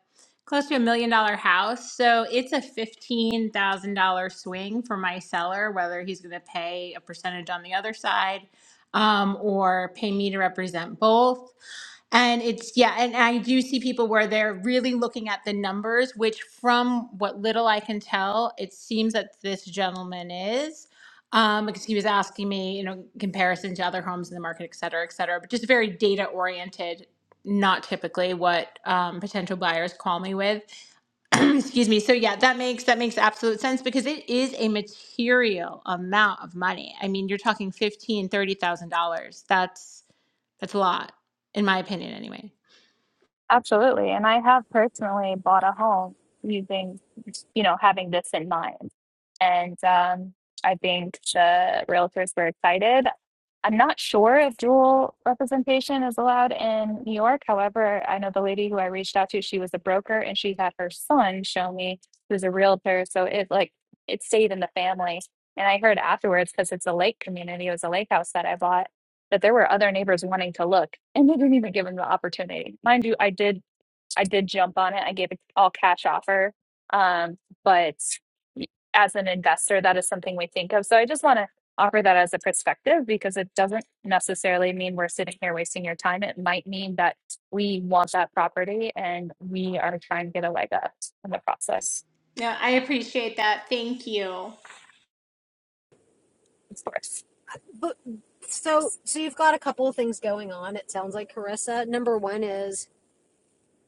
I: close to a million dollar house, so it's a fifteen thousand dollar swing for my seller, whether he's going to pay a percentage on the other side um, or pay me to represent both. And it's, yeah, and I do see people where they're really looking at the numbers, which from what little I can tell, it seems that this gentleman is. Um, because he was asking me, you know, comparison to other homes in the market, et cetera, et cetera, but just very data oriented, not typically what um, potential buyers call me with. [clears throat] Excuse me. So yeah, that makes that makes absolute sense because it is a material amount of money. I mean, you're talking fifteen, thirty thousand dollars. That's that's a lot, in my opinion, anyway.
L: Absolutely. And I have personally bought a home using, you know, having this in mind. And um, I think the realtors were excited. I'm not sure if dual representation is allowed in New York. However, I know the lady who I reached out to, she was a broker and she had her son show me who's a realtor. So it like it stayed in the family. And I heard afterwards, because it's a lake community, it was a lake house that I bought, that there were other neighbors wanting to look and they didn't even give them the opportunity. Mind you, I did I did jump on it. I gave it all cash offer. Um, but as an investor, that is something we think of. So I just want to offer that as a perspective because it doesn't necessarily mean we're sitting here wasting your time. It might mean that we want that property and we are trying to get a leg up in the process.
I: No, I appreciate that. Thank you.
L: Of course.
K: But so so you've got a couple of things going on. It sounds like Carissa. Number one is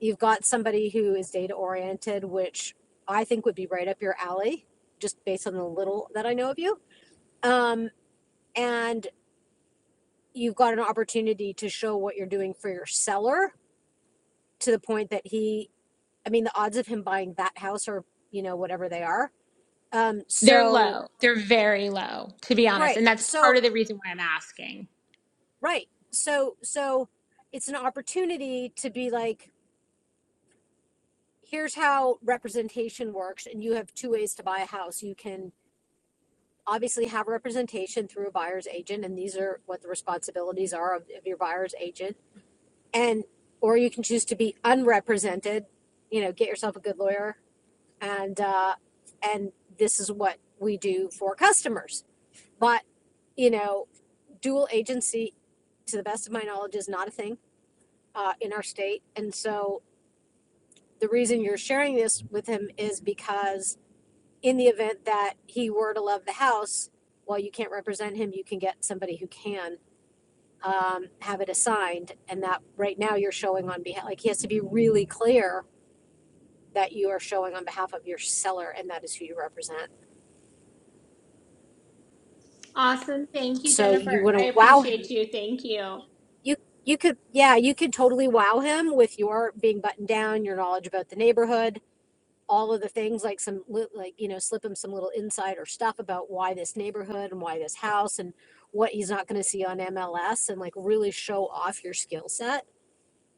K: you've got somebody who is data oriented, which I think would be right up your alley, just based on the little that I know of you. Um, and you've got an opportunity to show what you're doing for your seller to the point that he I mean the odds of him buying that house are, you know, whatever they are. Um,
I: They're
K: so
I: low. They're very low, to be honest.
K: Right.
I: And that's part
K: So,
I: of the reason why I'm asking.
K: right. So, so it's an opportunity to be like, here's how representation works. And you have two ways to buy a house. You can obviously have representation through a buyer's agent, and these are what the responsibilities are of, of your buyer's agent. And, or you can choose to be unrepresented, you know, get yourself a good lawyer. And, uh, and this is what we do for customers. But, you know, dual agency, to the best of my knowledge, is not a thing uh, in our state. And so the reason you're sharing this with him is because in the event that he were to love the house, while you can't represent him, you can get somebody who can um, have it assigned. And that right now you're showing on behalf, like he has to be really clear that you are showing on behalf of your seller and that is who you represent.
I: Awesome. Thank you,
K: So you
I: Jennifer.
K: want to
I: I
K: wow him.
I: appreciate you. Thank you.
K: You you could yeah, you could totally wow him with your being buttoned down, your knowledge about the neighborhood, all of the things like some like you know slip him some little insider stuff about why this neighborhood and why this house and what he's not going to see on MLS and like really show off your skill set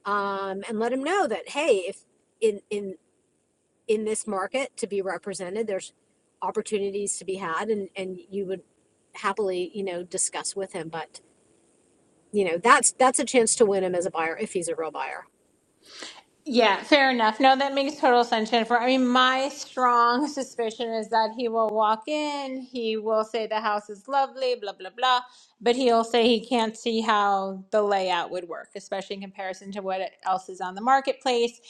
K: um, and let him know that hey if in in in this market to be represented there's opportunities to be had and and you would happily you know discuss with him but you know that's that's a chance to win him as a buyer if he's a real buyer
I: Yeah, fair enough. No, that makes total sense, Jennifer. I mean, my strong [laughs] suspicion is that he will walk in, he will say the house is lovely, blah, blah, blah, but he'll say he can't see how the layout would work, especially in comparison to what else is on the marketplace.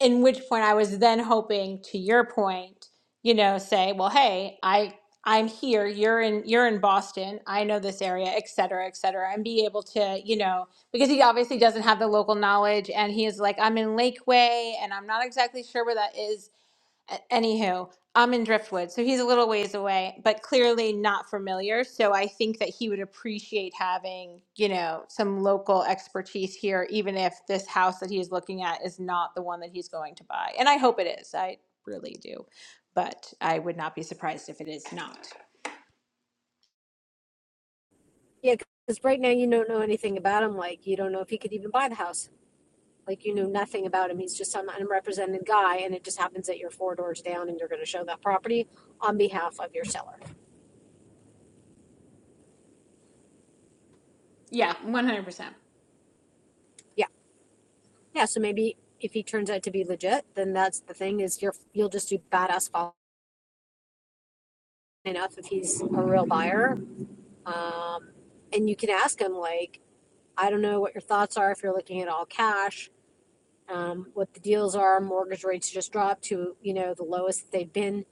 I: In which point I was then hoping, to your point, you know, say, well, hey, I I'm here, you're in you're in Boston, I know this area, et cetera, et cetera, and be able to, you know, because he obviously doesn't have the local knowledge and he is like i'm in lakeway and i'm not exactly sure where that is A- anywho i'm in driftwood so he's a little ways away but clearly not familiar so i think that he would appreciate having you know some local expertise here even if this house that he's looking at is not the one that he's going to buy and i hope it is i really do but i would not be surprised if it is not
K: yeah because right now you don't know anything about him like you don't know if he could even buy the house Like you knew nothing about him. He's just some unrepresented guy, and it just happens that you're four doors down and you're going to show that property on behalf of your seller.
I: yeah 100%
K: Yeah. Yeah. So maybe if he turns out to be legit, then that's the thing is you're, you'll just do badass following enough if he's a real buyer. Um, and you can ask him, like, I don't know what your thoughts are if you're looking at all cash, um, what the deals are. Mortgage rates just dropped to, you know, the lowest that they've been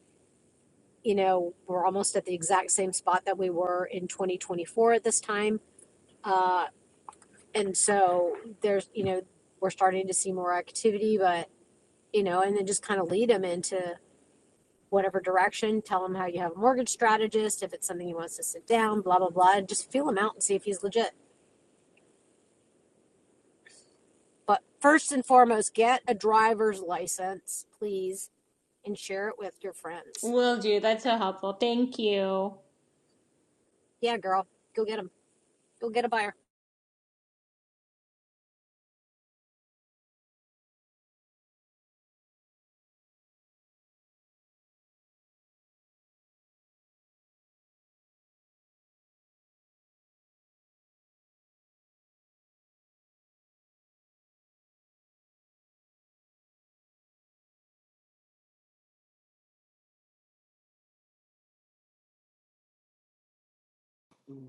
K: you know, we're almost at the exact same spot that we were in 2024 at this time. Uh, and so there's, you know, we're starting to see more activity, but, you know, and then just kind of lead them into whatever direction, tell them how you have a mortgage strategist, if it's something he wants to sit down, blah, blah, blah, and just feel him out and see if he's legit. But first and foremost, get a driver's license, please, and share it with your friends.
I: will do that's so helpful thank you
K: Yeah, girl, go get him. Go get a buyer.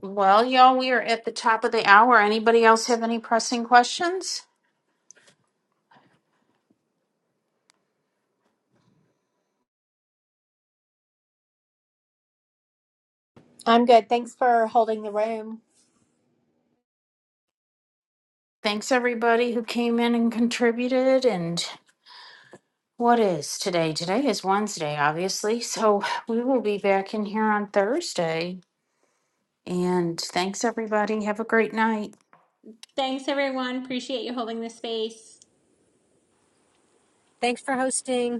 A: Well, y'all, we are at the top of the hour. Anybody else have any pressing questions?
H: I'm good. Thanks for holding the room.
A: Thanks, everybody who came in and contributed. And what is today? Today is Wednesday, obviously. So we will be back in here on Thursday. And thanks, everybody. Have a great night.
I: Thanks, everyone. Appreciate you holding the space.
K: Thanks for hosting.